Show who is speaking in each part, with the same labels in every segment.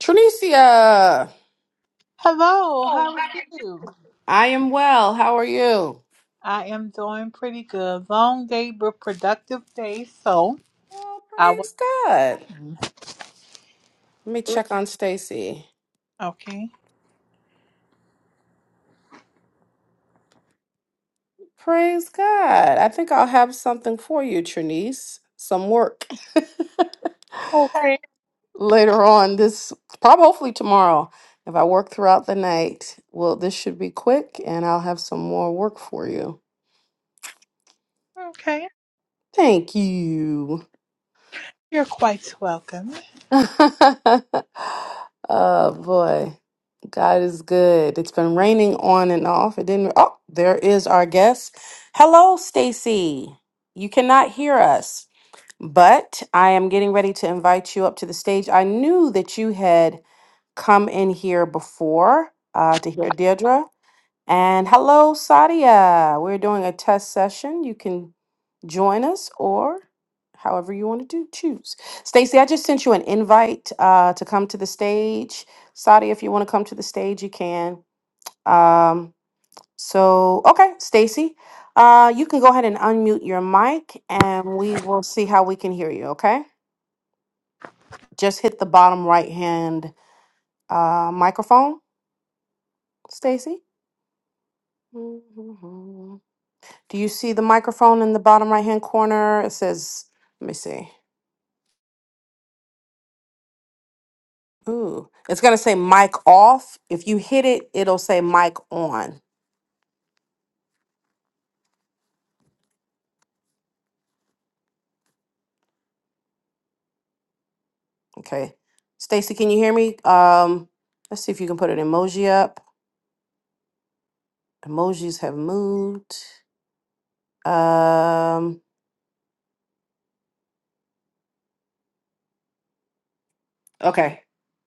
Speaker 1: Trinicia,
Speaker 2: Hello, how are you?
Speaker 1: I am well. How are you?
Speaker 2: I am doing pretty good. Long day, but productive day. So
Speaker 1: Oh,
Speaker 2: I was
Speaker 1: praise God. Let me check on Stacy.
Speaker 2: Okay.
Speaker 1: Praise God. I think I'll have something for you, Trinice. Some work
Speaker 2: Okay.
Speaker 1: later on this, probably hopefully tomorrow. If I work throughout the night, well, this should be quick and I'll have some more work for you.
Speaker 2: Okay.
Speaker 1: Thank you.
Speaker 2: You're quite welcome.
Speaker 1: oh boy. God is good. It's been raining on and off. It didn't Oh, there is our guest. Hello, Stacy. You cannot hear us, but I am getting ready to invite you up to the stage. I knew that you had come in here before uh, to hear Yes. Deirdre. And hello, Sadia. We're doing a test session. You can join us or however you want to do, choose. Stacy, I just sent you an invite uh, to come to the stage. Sadia, if you want to come to the stage, you can. Um, so, okay, Stacy, uh, you can go ahead and unmute your mic and we will see how we can hear you, okay? Just hit the bottom right hand uh, microphone, Stacy. Do you see the microphone in the bottom right hand corner? It says, let me see. Ooh, it's going to say mic off. If you hit it, it'll say mic on. Okay. Stacy, can you hear me? Um, let's see if you can put an emoji up. Emojis have moved. Um, okay.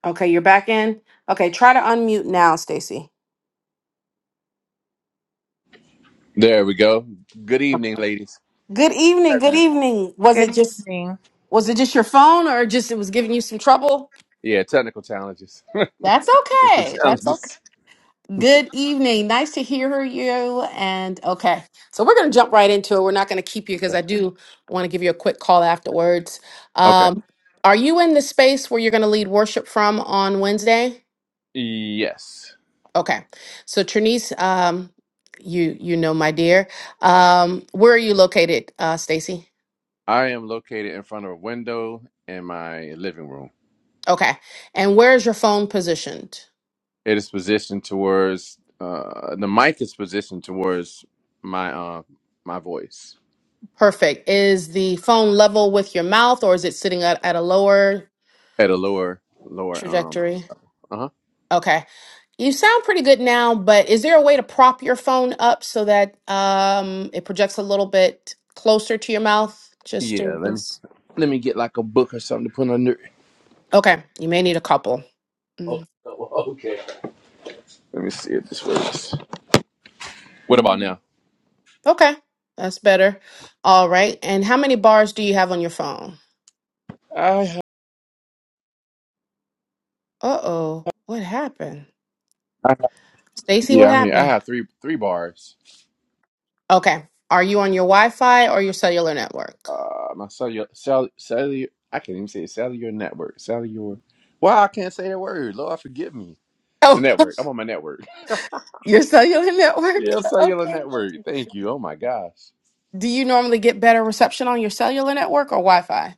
Speaker 1: Okay, you're back in. Okay, try to unmute now, Stacy.
Speaker 3: There we go. Good
Speaker 1: Okay.
Speaker 3: evening, ladies.
Speaker 1: Good evening. Good
Speaker 3: Everyone.
Speaker 1: evening. Was
Speaker 2: Good
Speaker 1: it just
Speaker 2: evening.
Speaker 1: was it just your phone or just it was giving you some trouble?
Speaker 3: Yeah, technical challenges.
Speaker 1: That's
Speaker 3: technical
Speaker 1: okay. That's
Speaker 3: challenges.
Speaker 1: Good evening. Nice to hear you. And okay, so we're going to jump right into it. We're not going to keep you because
Speaker 3: Okay.
Speaker 1: I do want to give you a quick call afterwards.
Speaker 3: okay.
Speaker 1: Um, are you in the space where you're going to lead worship from on Wednesday?
Speaker 3: Yes.
Speaker 1: Okay. So Trinice, um, you you know my dear. Um, where are you located, uh, Stacy?
Speaker 3: I am located in front of a window in my living room.
Speaker 1: Okay. And where is your phone positioned?
Speaker 3: It is positioned towards uh the mic is positioned towards my uh my voice
Speaker 1: Perfect. Is the phone level with your mouth, or is it sitting at, at a lower
Speaker 3: at a lower lower um
Speaker 1: trajectory?
Speaker 3: uh-huh.
Speaker 1: Okay. You sound pretty good now, but is there a way to prop your phone up so that um, it projects a little bit closer to your mouth? Just
Speaker 3: Yeah,
Speaker 1: in
Speaker 3: let me
Speaker 1: case.
Speaker 3: let me get like a book or something to put under it.
Speaker 1: Okay, you may need a couple.
Speaker 3: Oh,
Speaker 1: Mm.
Speaker 3: okay. Let me see if this works. What about
Speaker 1: Mm.
Speaker 3: now?
Speaker 1: Okay, that's better. All right, and how many bars do you have on your phone?
Speaker 3: I
Speaker 1: Uh oh, what happened? Stacy, what
Speaker 3: Yeah, I mean, I
Speaker 1: happened?
Speaker 3: have three three bars.
Speaker 1: Okay, are you on your Wi Fi or your cellular network?
Speaker 3: Uh, my cellular, cell, cellular, I can't even say it, cellular network, cellular. Wow, I can't say that word. Lord, forgive me. The
Speaker 1: Oh,
Speaker 3: network. I'm on my network.
Speaker 1: your cellular network?
Speaker 3: Yeah, cellular
Speaker 1: Okay.
Speaker 3: network. Thank you. Oh my gosh.
Speaker 1: Do you normally get better reception on your cellular network or Wi Fi?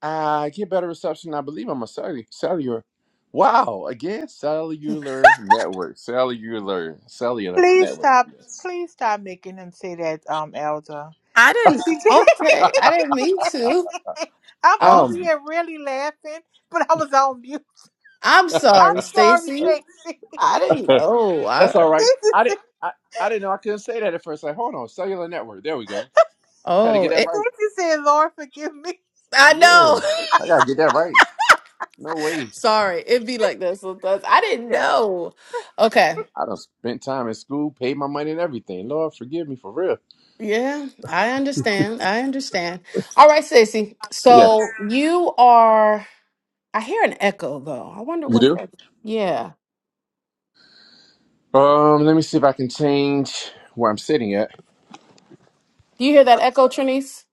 Speaker 3: I get better reception. I believe I'm a cellular. cellular. Wow. Again, cellular network, cellular, cellular
Speaker 2: Please
Speaker 3: network.
Speaker 2: stop.
Speaker 3: Yes.
Speaker 2: Please stop making him say that, um, Elder.
Speaker 1: I
Speaker 2: Is
Speaker 1: didn't.
Speaker 2: he
Speaker 1: Okay, I didn't mean to.
Speaker 2: I'm
Speaker 1: I'm.
Speaker 2: over
Speaker 3: Um,
Speaker 2: here really laughing, but I was on mute.
Speaker 1: I'm
Speaker 2: I'm
Speaker 1: sorry,
Speaker 2: sorry,
Speaker 1: Stacy.
Speaker 2: Stacy.
Speaker 1: I didn't know.
Speaker 3: that's
Speaker 1: I.
Speaker 3: all right.
Speaker 2: Stacy
Speaker 3: I
Speaker 2: said,
Speaker 3: didn't. I, I didn't know I couldn't say that at first. Like, hold on, cellular network. There we go. Had to
Speaker 1: Oh,
Speaker 3: get that
Speaker 1: it,
Speaker 3: right.
Speaker 2: Stacy Lord, forgive me.
Speaker 1: I
Speaker 3: Yeah, I
Speaker 1: know.
Speaker 3: gotta get that right. No way.
Speaker 1: sorry, it be like that sometimes. I didn't
Speaker 2: Yes.
Speaker 1: know. Okay.
Speaker 3: I done spent time in school, paid my money and everything. Lord, forgive me for real.
Speaker 1: Yeah, I understand. I understand. All right, Stacy.
Speaker 3: Yeah,
Speaker 1: So you are. I hear an echo though. I wonder
Speaker 3: you
Speaker 1: what.
Speaker 3: do.
Speaker 1: That, yeah.
Speaker 3: Um, let me see if I can change where I'm sitting at.
Speaker 1: Do you hear that echo, Trinice?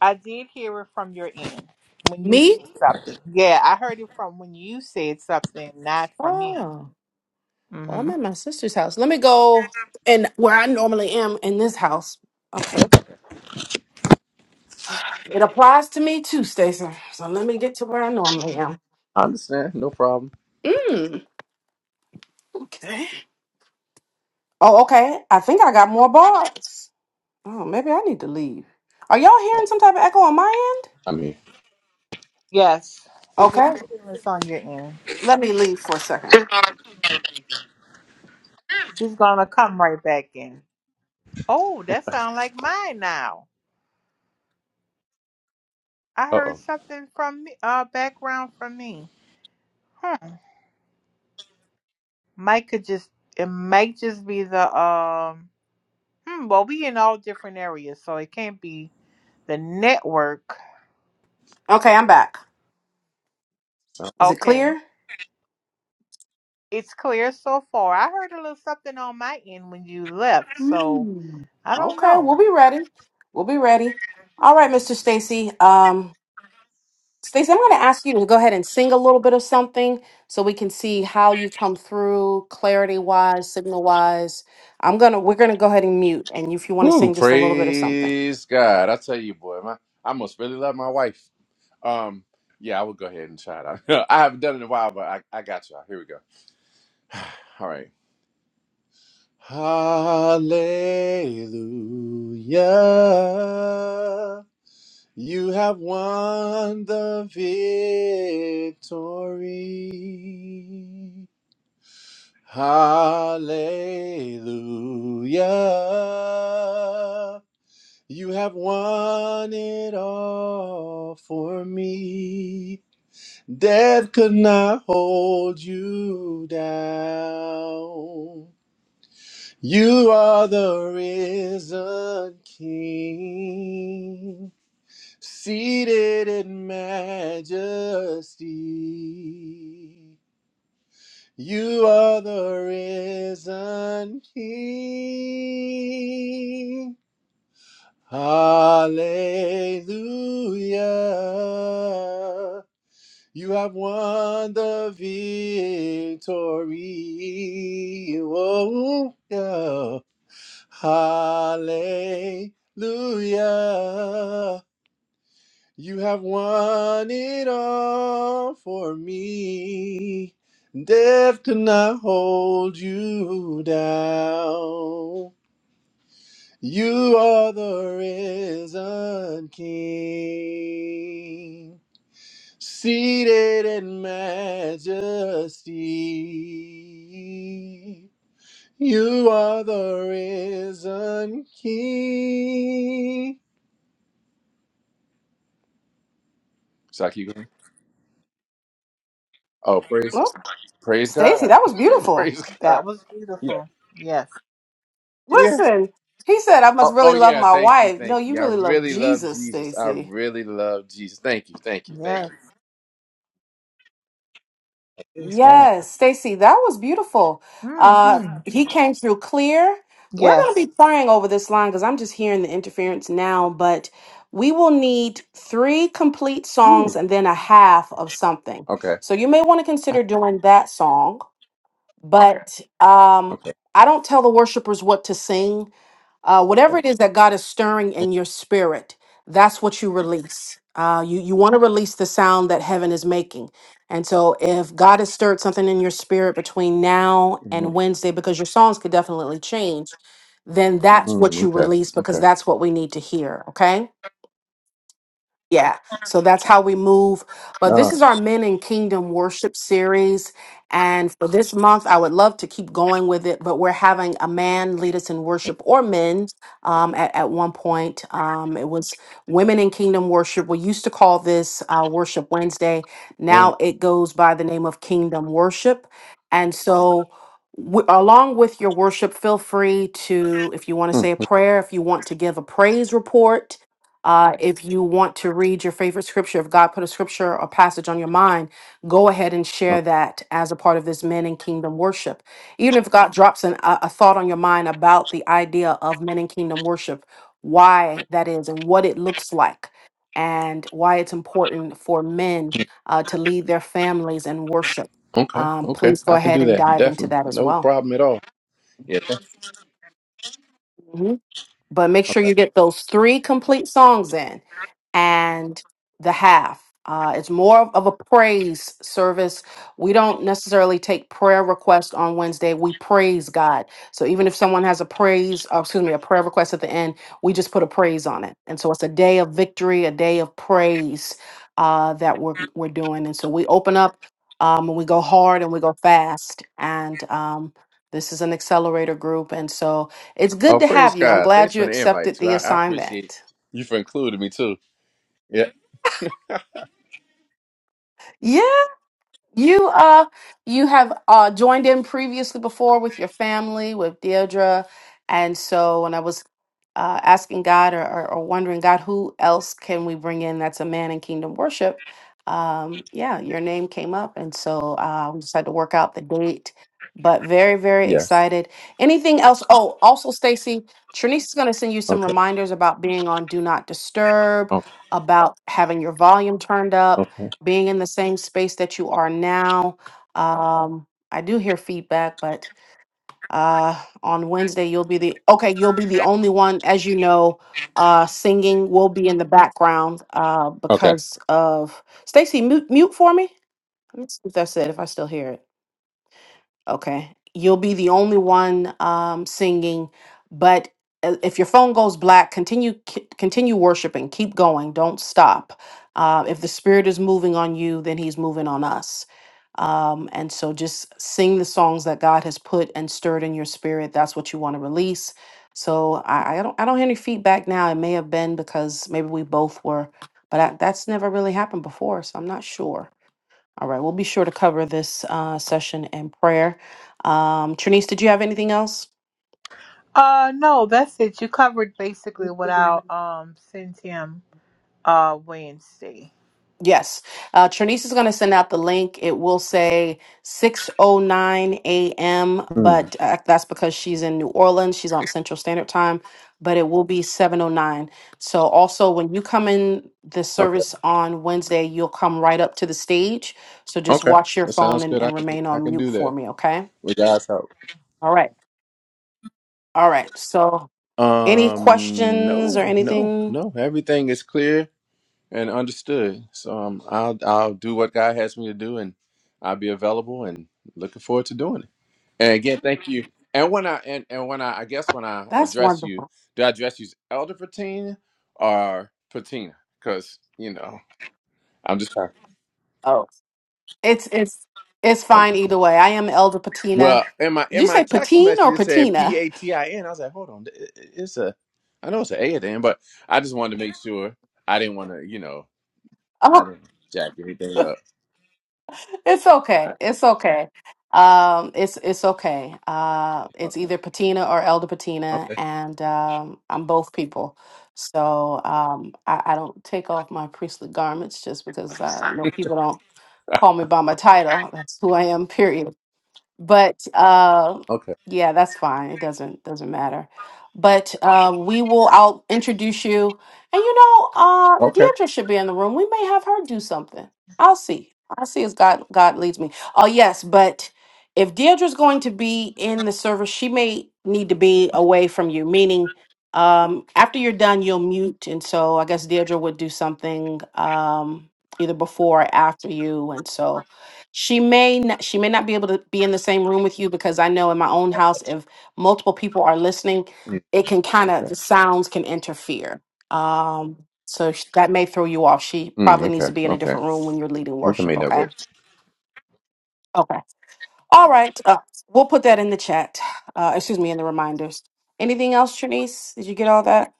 Speaker 2: I did hear it from your end when you
Speaker 1: Me?
Speaker 2: said something. Yeah, I heard it from when you said something, not from him.
Speaker 1: Oh. Well, I'm
Speaker 2: Mm-hmm.
Speaker 1: at my sister's house. Let me go and where I normally am in this house. Okay. It applies to me too, Stacey. So let me get to where I normally am.
Speaker 3: I understand, no problem.
Speaker 1: Mm. Okay. Oh, okay. I think I got more bars. Oh, maybe I need to leave. Are y'all hearing some type of echo on my end?
Speaker 3: I mean,
Speaker 2: Yes, it's an
Speaker 1: Okay.
Speaker 2: experience on your end.
Speaker 1: Let me leave for a second.
Speaker 2: She's gonna come right back in. Oh, that sounds like mine now. I
Speaker 3: uh
Speaker 2: heard
Speaker 3: oh.
Speaker 2: something from me, uh, background from me. Hmm. Mike could just it might just be the um. Hmm. Well, we in all different areas, so it can't be the network.
Speaker 1: Okay, I'm back. Is it
Speaker 2: Okay.
Speaker 1: clear?
Speaker 2: It's clear so far. I heard a little something on my end when you left, so
Speaker 1: Mm.
Speaker 2: I don't
Speaker 1: Okay,
Speaker 2: know.
Speaker 1: we'll be ready. We'll be ready. All right, Mr. Stacy. Um, Stacey, I'm going to ask you to go ahead and sing a little bit of something so we can see how you come through clarity wise, signal wise. I'm going to, we're going to go ahead and mute. And if you want to
Speaker 3: Woo,
Speaker 1: sing just a little bit of something.
Speaker 3: praise God. I tell you, boy, my, I must really love my wife. Um, yeah, I will go ahead and try it out. I haven't done it in a while, but I, I got y'all. Here we go. All right. Hallelujah. You have won the victory. Hallelujah. You have won it all for me. Death could not hold you down. You are the risen King. Seated in majesty, you are the risen King. Hallelujah. You have won the victory. Oh, yeah. Hallelujah. You have won it all for me. Death could not hold you down. You are the risen King, seated in majesty. You are the risen King. Should I keep going? Oh, praise,
Speaker 1: Well,
Speaker 3: praise
Speaker 1: Stacey,
Speaker 3: God,
Speaker 1: that was beautiful.
Speaker 3: praise God.
Speaker 2: That was
Speaker 3: Yeah.
Speaker 2: beautiful. Yes.
Speaker 3: Yeah.
Speaker 1: Listen, he said, I must
Speaker 3: Oh, oh
Speaker 1: really love
Speaker 3: yeah,
Speaker 1: my
Speaker 3: thank you,
Speaker 1: wife. No,
Speaker 3: thank
Speaker 1: you
Speaker 3: you. I
Speaker 1: really love
Speaker 3: really love
Speaker 1: Jesus,
Speaker 3: Jesus. I
Speaker 1: Stacey.
Speaker 3: really love Jesus. Thank you, thank you, thank
Speaker 2: Yes.
Speaker 3: you. Praise God.
Speaker 1: Yes, Stacy, that was beautiful.
Speaker 2: hmm
Speaker 1: Uh, he came through clear. We're going
Speaker 2: Yes.
Speaker 1: to be praying over this line because I'm just hearing the interference now, but we will need three complete
Speaker 3: Woo.
Speaker 1: songs and then a half of something.
Speaker 3: Okay.
Speaker 1: So you may want to
Speaker 3: I-
Speaker 1: consider doing that song, but um,
Speaker 3: okay.
Speaker 1: I don't tell the worshipers what to sing. Uh, whatever it is that God is stirring in your spirit, that's what you release. Uh, you you want to release the sound that heaven is making. And so, if God has stirred something in your spirit between now
Speaker 3: Mm,
Speaker 1: and Wednesday, because your songs could definitely change, then that's what
Speaker 3: mm,
Speaker 1: you
Speaker 3: okay.
Speaker 1: release because
Speaker 3: Okay.
Speaker 1: that's what we need to hear. Okay yeah, so that's how we move. But
Speaker 3: All
Speaker 1: this is
Speaker 3: right.
Speaker 1: our Men in Kingdom worship series. And for this month, I would love to keep going with it, but we're having a man lead us in worship or men. Um, at, at one point, um, it was Women in Kingdom Worship. We used to call this uh, Worship Wednesday.
Speaker 3: Oh.
Speaker 1: Now it goes by the name of Kingdom Worship. And so, w- along with your worship, feel free to, if you want to
Speaker 3: mm,
Speaker 1: say a prayer, if you want to give a praise report uh, if you want to read your favorite scripture, if God put a scripture or passage on your mind, go ahead and share
Speaker 3: oh,
Speaker 1: that as a part of this men in kingdom worship. Even if God drops an, a, a thought on your mind about the idea of men in kingdom worship, why that is and what it looks like, and why it's important for men uh, to lead their families in worship,
Speaker 3: Okay.
Speaker 1: um,
Speaker 3: Okay.
Speaker 1: please go
Speaker 3: I can
Speaker 1: ahead
Speaker 3: do
Speaker 1: and
Speaker 3: that.
Speaker 1: dive into
Speaker 3: Definitely.
Speaker 1: that as
Speaker 3: No
Speaker 1: well.
Speaker 3: problem at all. Yeah. thank-
Speaker 1: Mm-hmm. but make sure you
Speaker 3: Okay.
Speaker 1: get those three complete songs in and the half. Uh, it's more of of a praise service. We don't necessarily take prayer requests on Wednesday. We praise God. So even if someone has a praise, or excuse me, a prayer request at the end, we just put a praise on it. And so it's a day of victory, a day of praise uh, that we're we're doing. And so we open up um, and we go hard and we go fast. And um, this is an accelerator group, and so it's
Speaker 3: Oh,
Speaker 1: good to
Speaker 3: praise
Speaker 1: have you. I'm
Speaker 3: God. Thanks
Speaker 1: glad you
Speaker 3: for the invite
Speaker 1: accepted
Speaker 3: too.
Speaker 1: the
Speaker 3: I, I appreciate
Speaker 1: assignment.
Speaker 3: you for including me too. Yeah.
Speaker 1: Yeah, You uh you have uh joined in previously before with your family with Deirdre, and so when I was uh, asking God or, or, or wondering God, who else can we bring in that's a man in kingdom worship? Um, yeah, your name came up, and so uh, we just had to work out the date. But very very
Speaker 3: Yes.
Speaker 1: excited. Anything else? Oh, also Stacy, Trinice is going to send you some
Speaker 3: Okay.
Speaker 1: reminders about being on Do Not Disturb,
Speaker 3: Okay.
Speaker 1: about having your volume turned up
Speaker 3: Okay.
Speaker 1: being in the same space that you are now. Um, I do hear feedback, but uh, on Wednesday you'll be the okay. You'll be the only one, as you know. Uh, singing will be in the background uh,
Speaker 3: Okay.
Speaker 1: because of Stacy. Mute, mute for me. Let's see if that's it. If I still hear it. Okay. You'll be the only one um, singing, but i- if your phone goes black, continue ki- continue worshiping. Keep going. Don't stop. Uh, if the Spirit is moving on you, then He's moving on us. Um, and so just sing the songs that God has put and stirred in your spirit. That's what you want to release. So I, I don't I don't hear any feedback now. It may have been because maybe we both were, but I, that's never really happened before. So I'm not sure. All right, we'll be sure to cover this uh, session in prayer. Um, Trinice, did you have anything else?
Speaker 2: Uh no, that's it. You covered basically what I'll um send him uh Wednesday.
Speaker 1: Yes. Uh, Trinice is going to send out the link. It will say 6.09 a.m.,
Speaker 3: Mm,
Speaker 1: but uh, that's because she's in New Orleans. She's on Central Standard Time, but it will be 7.09. So also, when you come in the
Speaker 3: okay.
Speaker 1: service on Wednesday, you'll come right up to the stage. So just
Speaker 3: Okay.
Speaker 1: watch your
Speaker 3: That
Speaker 1: phone
Speaker 3: sounds
Speaker 1: and,
Speaker 3: good. I
Speaker 1: and
Speaker 3: can
Speaker 1: remain
Speaker 3: I
Speaker 1: on
Speaker 3: can
Speaker 1: mute
Speaker 3: do
Speaker 1: for
Speaker 3: that
Speaker 1: me, okay?
Speaker 3: with God's help.
Speaker 1: All right. All right. So Any
Speaker 3: Um,
Speaker 1: questions or
Speaker 3: no, no,
Speaker 1: anything?
Speaker 3: no. Everything is clear and understood. So um, I'll I'll do what God has me to do, and I'll be available and looking forward to doing it. And again, thank you. And when I and, and when I I guess when I
Speaker 1: That's
Speaker 3: address you,
Speaker 1: wonderful.
Speaker 3: do I address you as Elder Patina or Patina? Because you know I'm just trying.
Speaker 1: Oh, it's it's it's
Speaker 3: Elder
Speaker 1: fine either way. I am Elder Patina.
Speaker 3: Well, in my
Speaker 1: Did
Speaker 3: in
Speaker 1: you
Speaker 3: my
Speaker 1: say
Speaker 3: text
Speaker 1: Patine
Speaker 3: message
Speaker 1: or
Speaker 3: it said P
Speaker 1: Patina?
Speaker 3: A T I N. I was like, hold on, it- it- it's a I know it's an A at the end, but I just wanted to make sure I didn't want to, you know. I
Speaker 1: Oh,
Speaker 3: didn't jack anything up.
Speaker 1: it's okay. It's okay. Um, it's it's okay. Uh, it's
Speaker 3: Okay.
Speaker 1: either Patina or Elder Patina,
Speaker 3: Okay.
Speaker 1: and um, I'm both people. So um, I, I don't take off my priestly garments just because uh, no people don't call me by my title. That's who I am. Period. but uh
Speaker 3: Okay.
Speaker 1: yeah that's fine it doesn't doesn't matter but uh we will i'll introduce you and you know uh
Speaker 3: Okay.
Speaker 1: deirdre should be in the room we may have her do something i'll see i'll see as god god leads me oh yes but if deirdre's going to be in the service she may need to be away from you meaning um after you're done you'll mute and so i guess deirdre would do something um either before or after you and so she may not, she may not be able to be in the same room with you because I know in my own house, if multiple people are listening,
Speaker 3: Yeah.
Speaker 1: it can kind of the
Speaker 3: Okay.
Speaker 1: sounds can interfere. Um, so sh- that may throw you off. She
Speaker 3: Mm,
Speaker 1: probably needs
Speaker 3: okay.
Speaker 1: to be in a
Speaker 3: Okay.
Speaker 1: different room when you're leading
Speaker 3: We can
Speaker 1: worship.
Speaker 3: make that
Speaker 1: Okay.
Speaker 3: work.
Speaker 1: Okay. All right. Uh, we'll put that in the chat. Uh, excuse me, in the reminders. Anything else, Trinice? Did you get all that?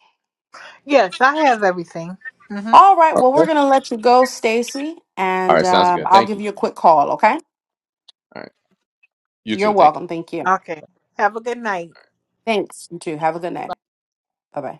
Speaker 2: Yes, I have everything. Mm-hmm.
Speaker 1: All right. Well, we're
Speaker 3: Okay.
Speaker 1: gonna let you go, Stacy,
Speaker 3: All
Speaker 1: and
Speaker 3: right. Sounds
Speaker 1: um,
Speaker 3: good.
Speaker 1: I'll
Speaker 3: Thank
Speaker 1: give
Speaker 3: you.
Speaker 1: you a quick call. Okay.
Speaker 3: All right. You
Speaker 1: You're
Speaker 3: too. Thank you.
Speaker 1: welcome. Thank you.
Speaker 2: Okay. Have a good night.
Speaker 1: Thanks. You too. Have a good night. Bye bye.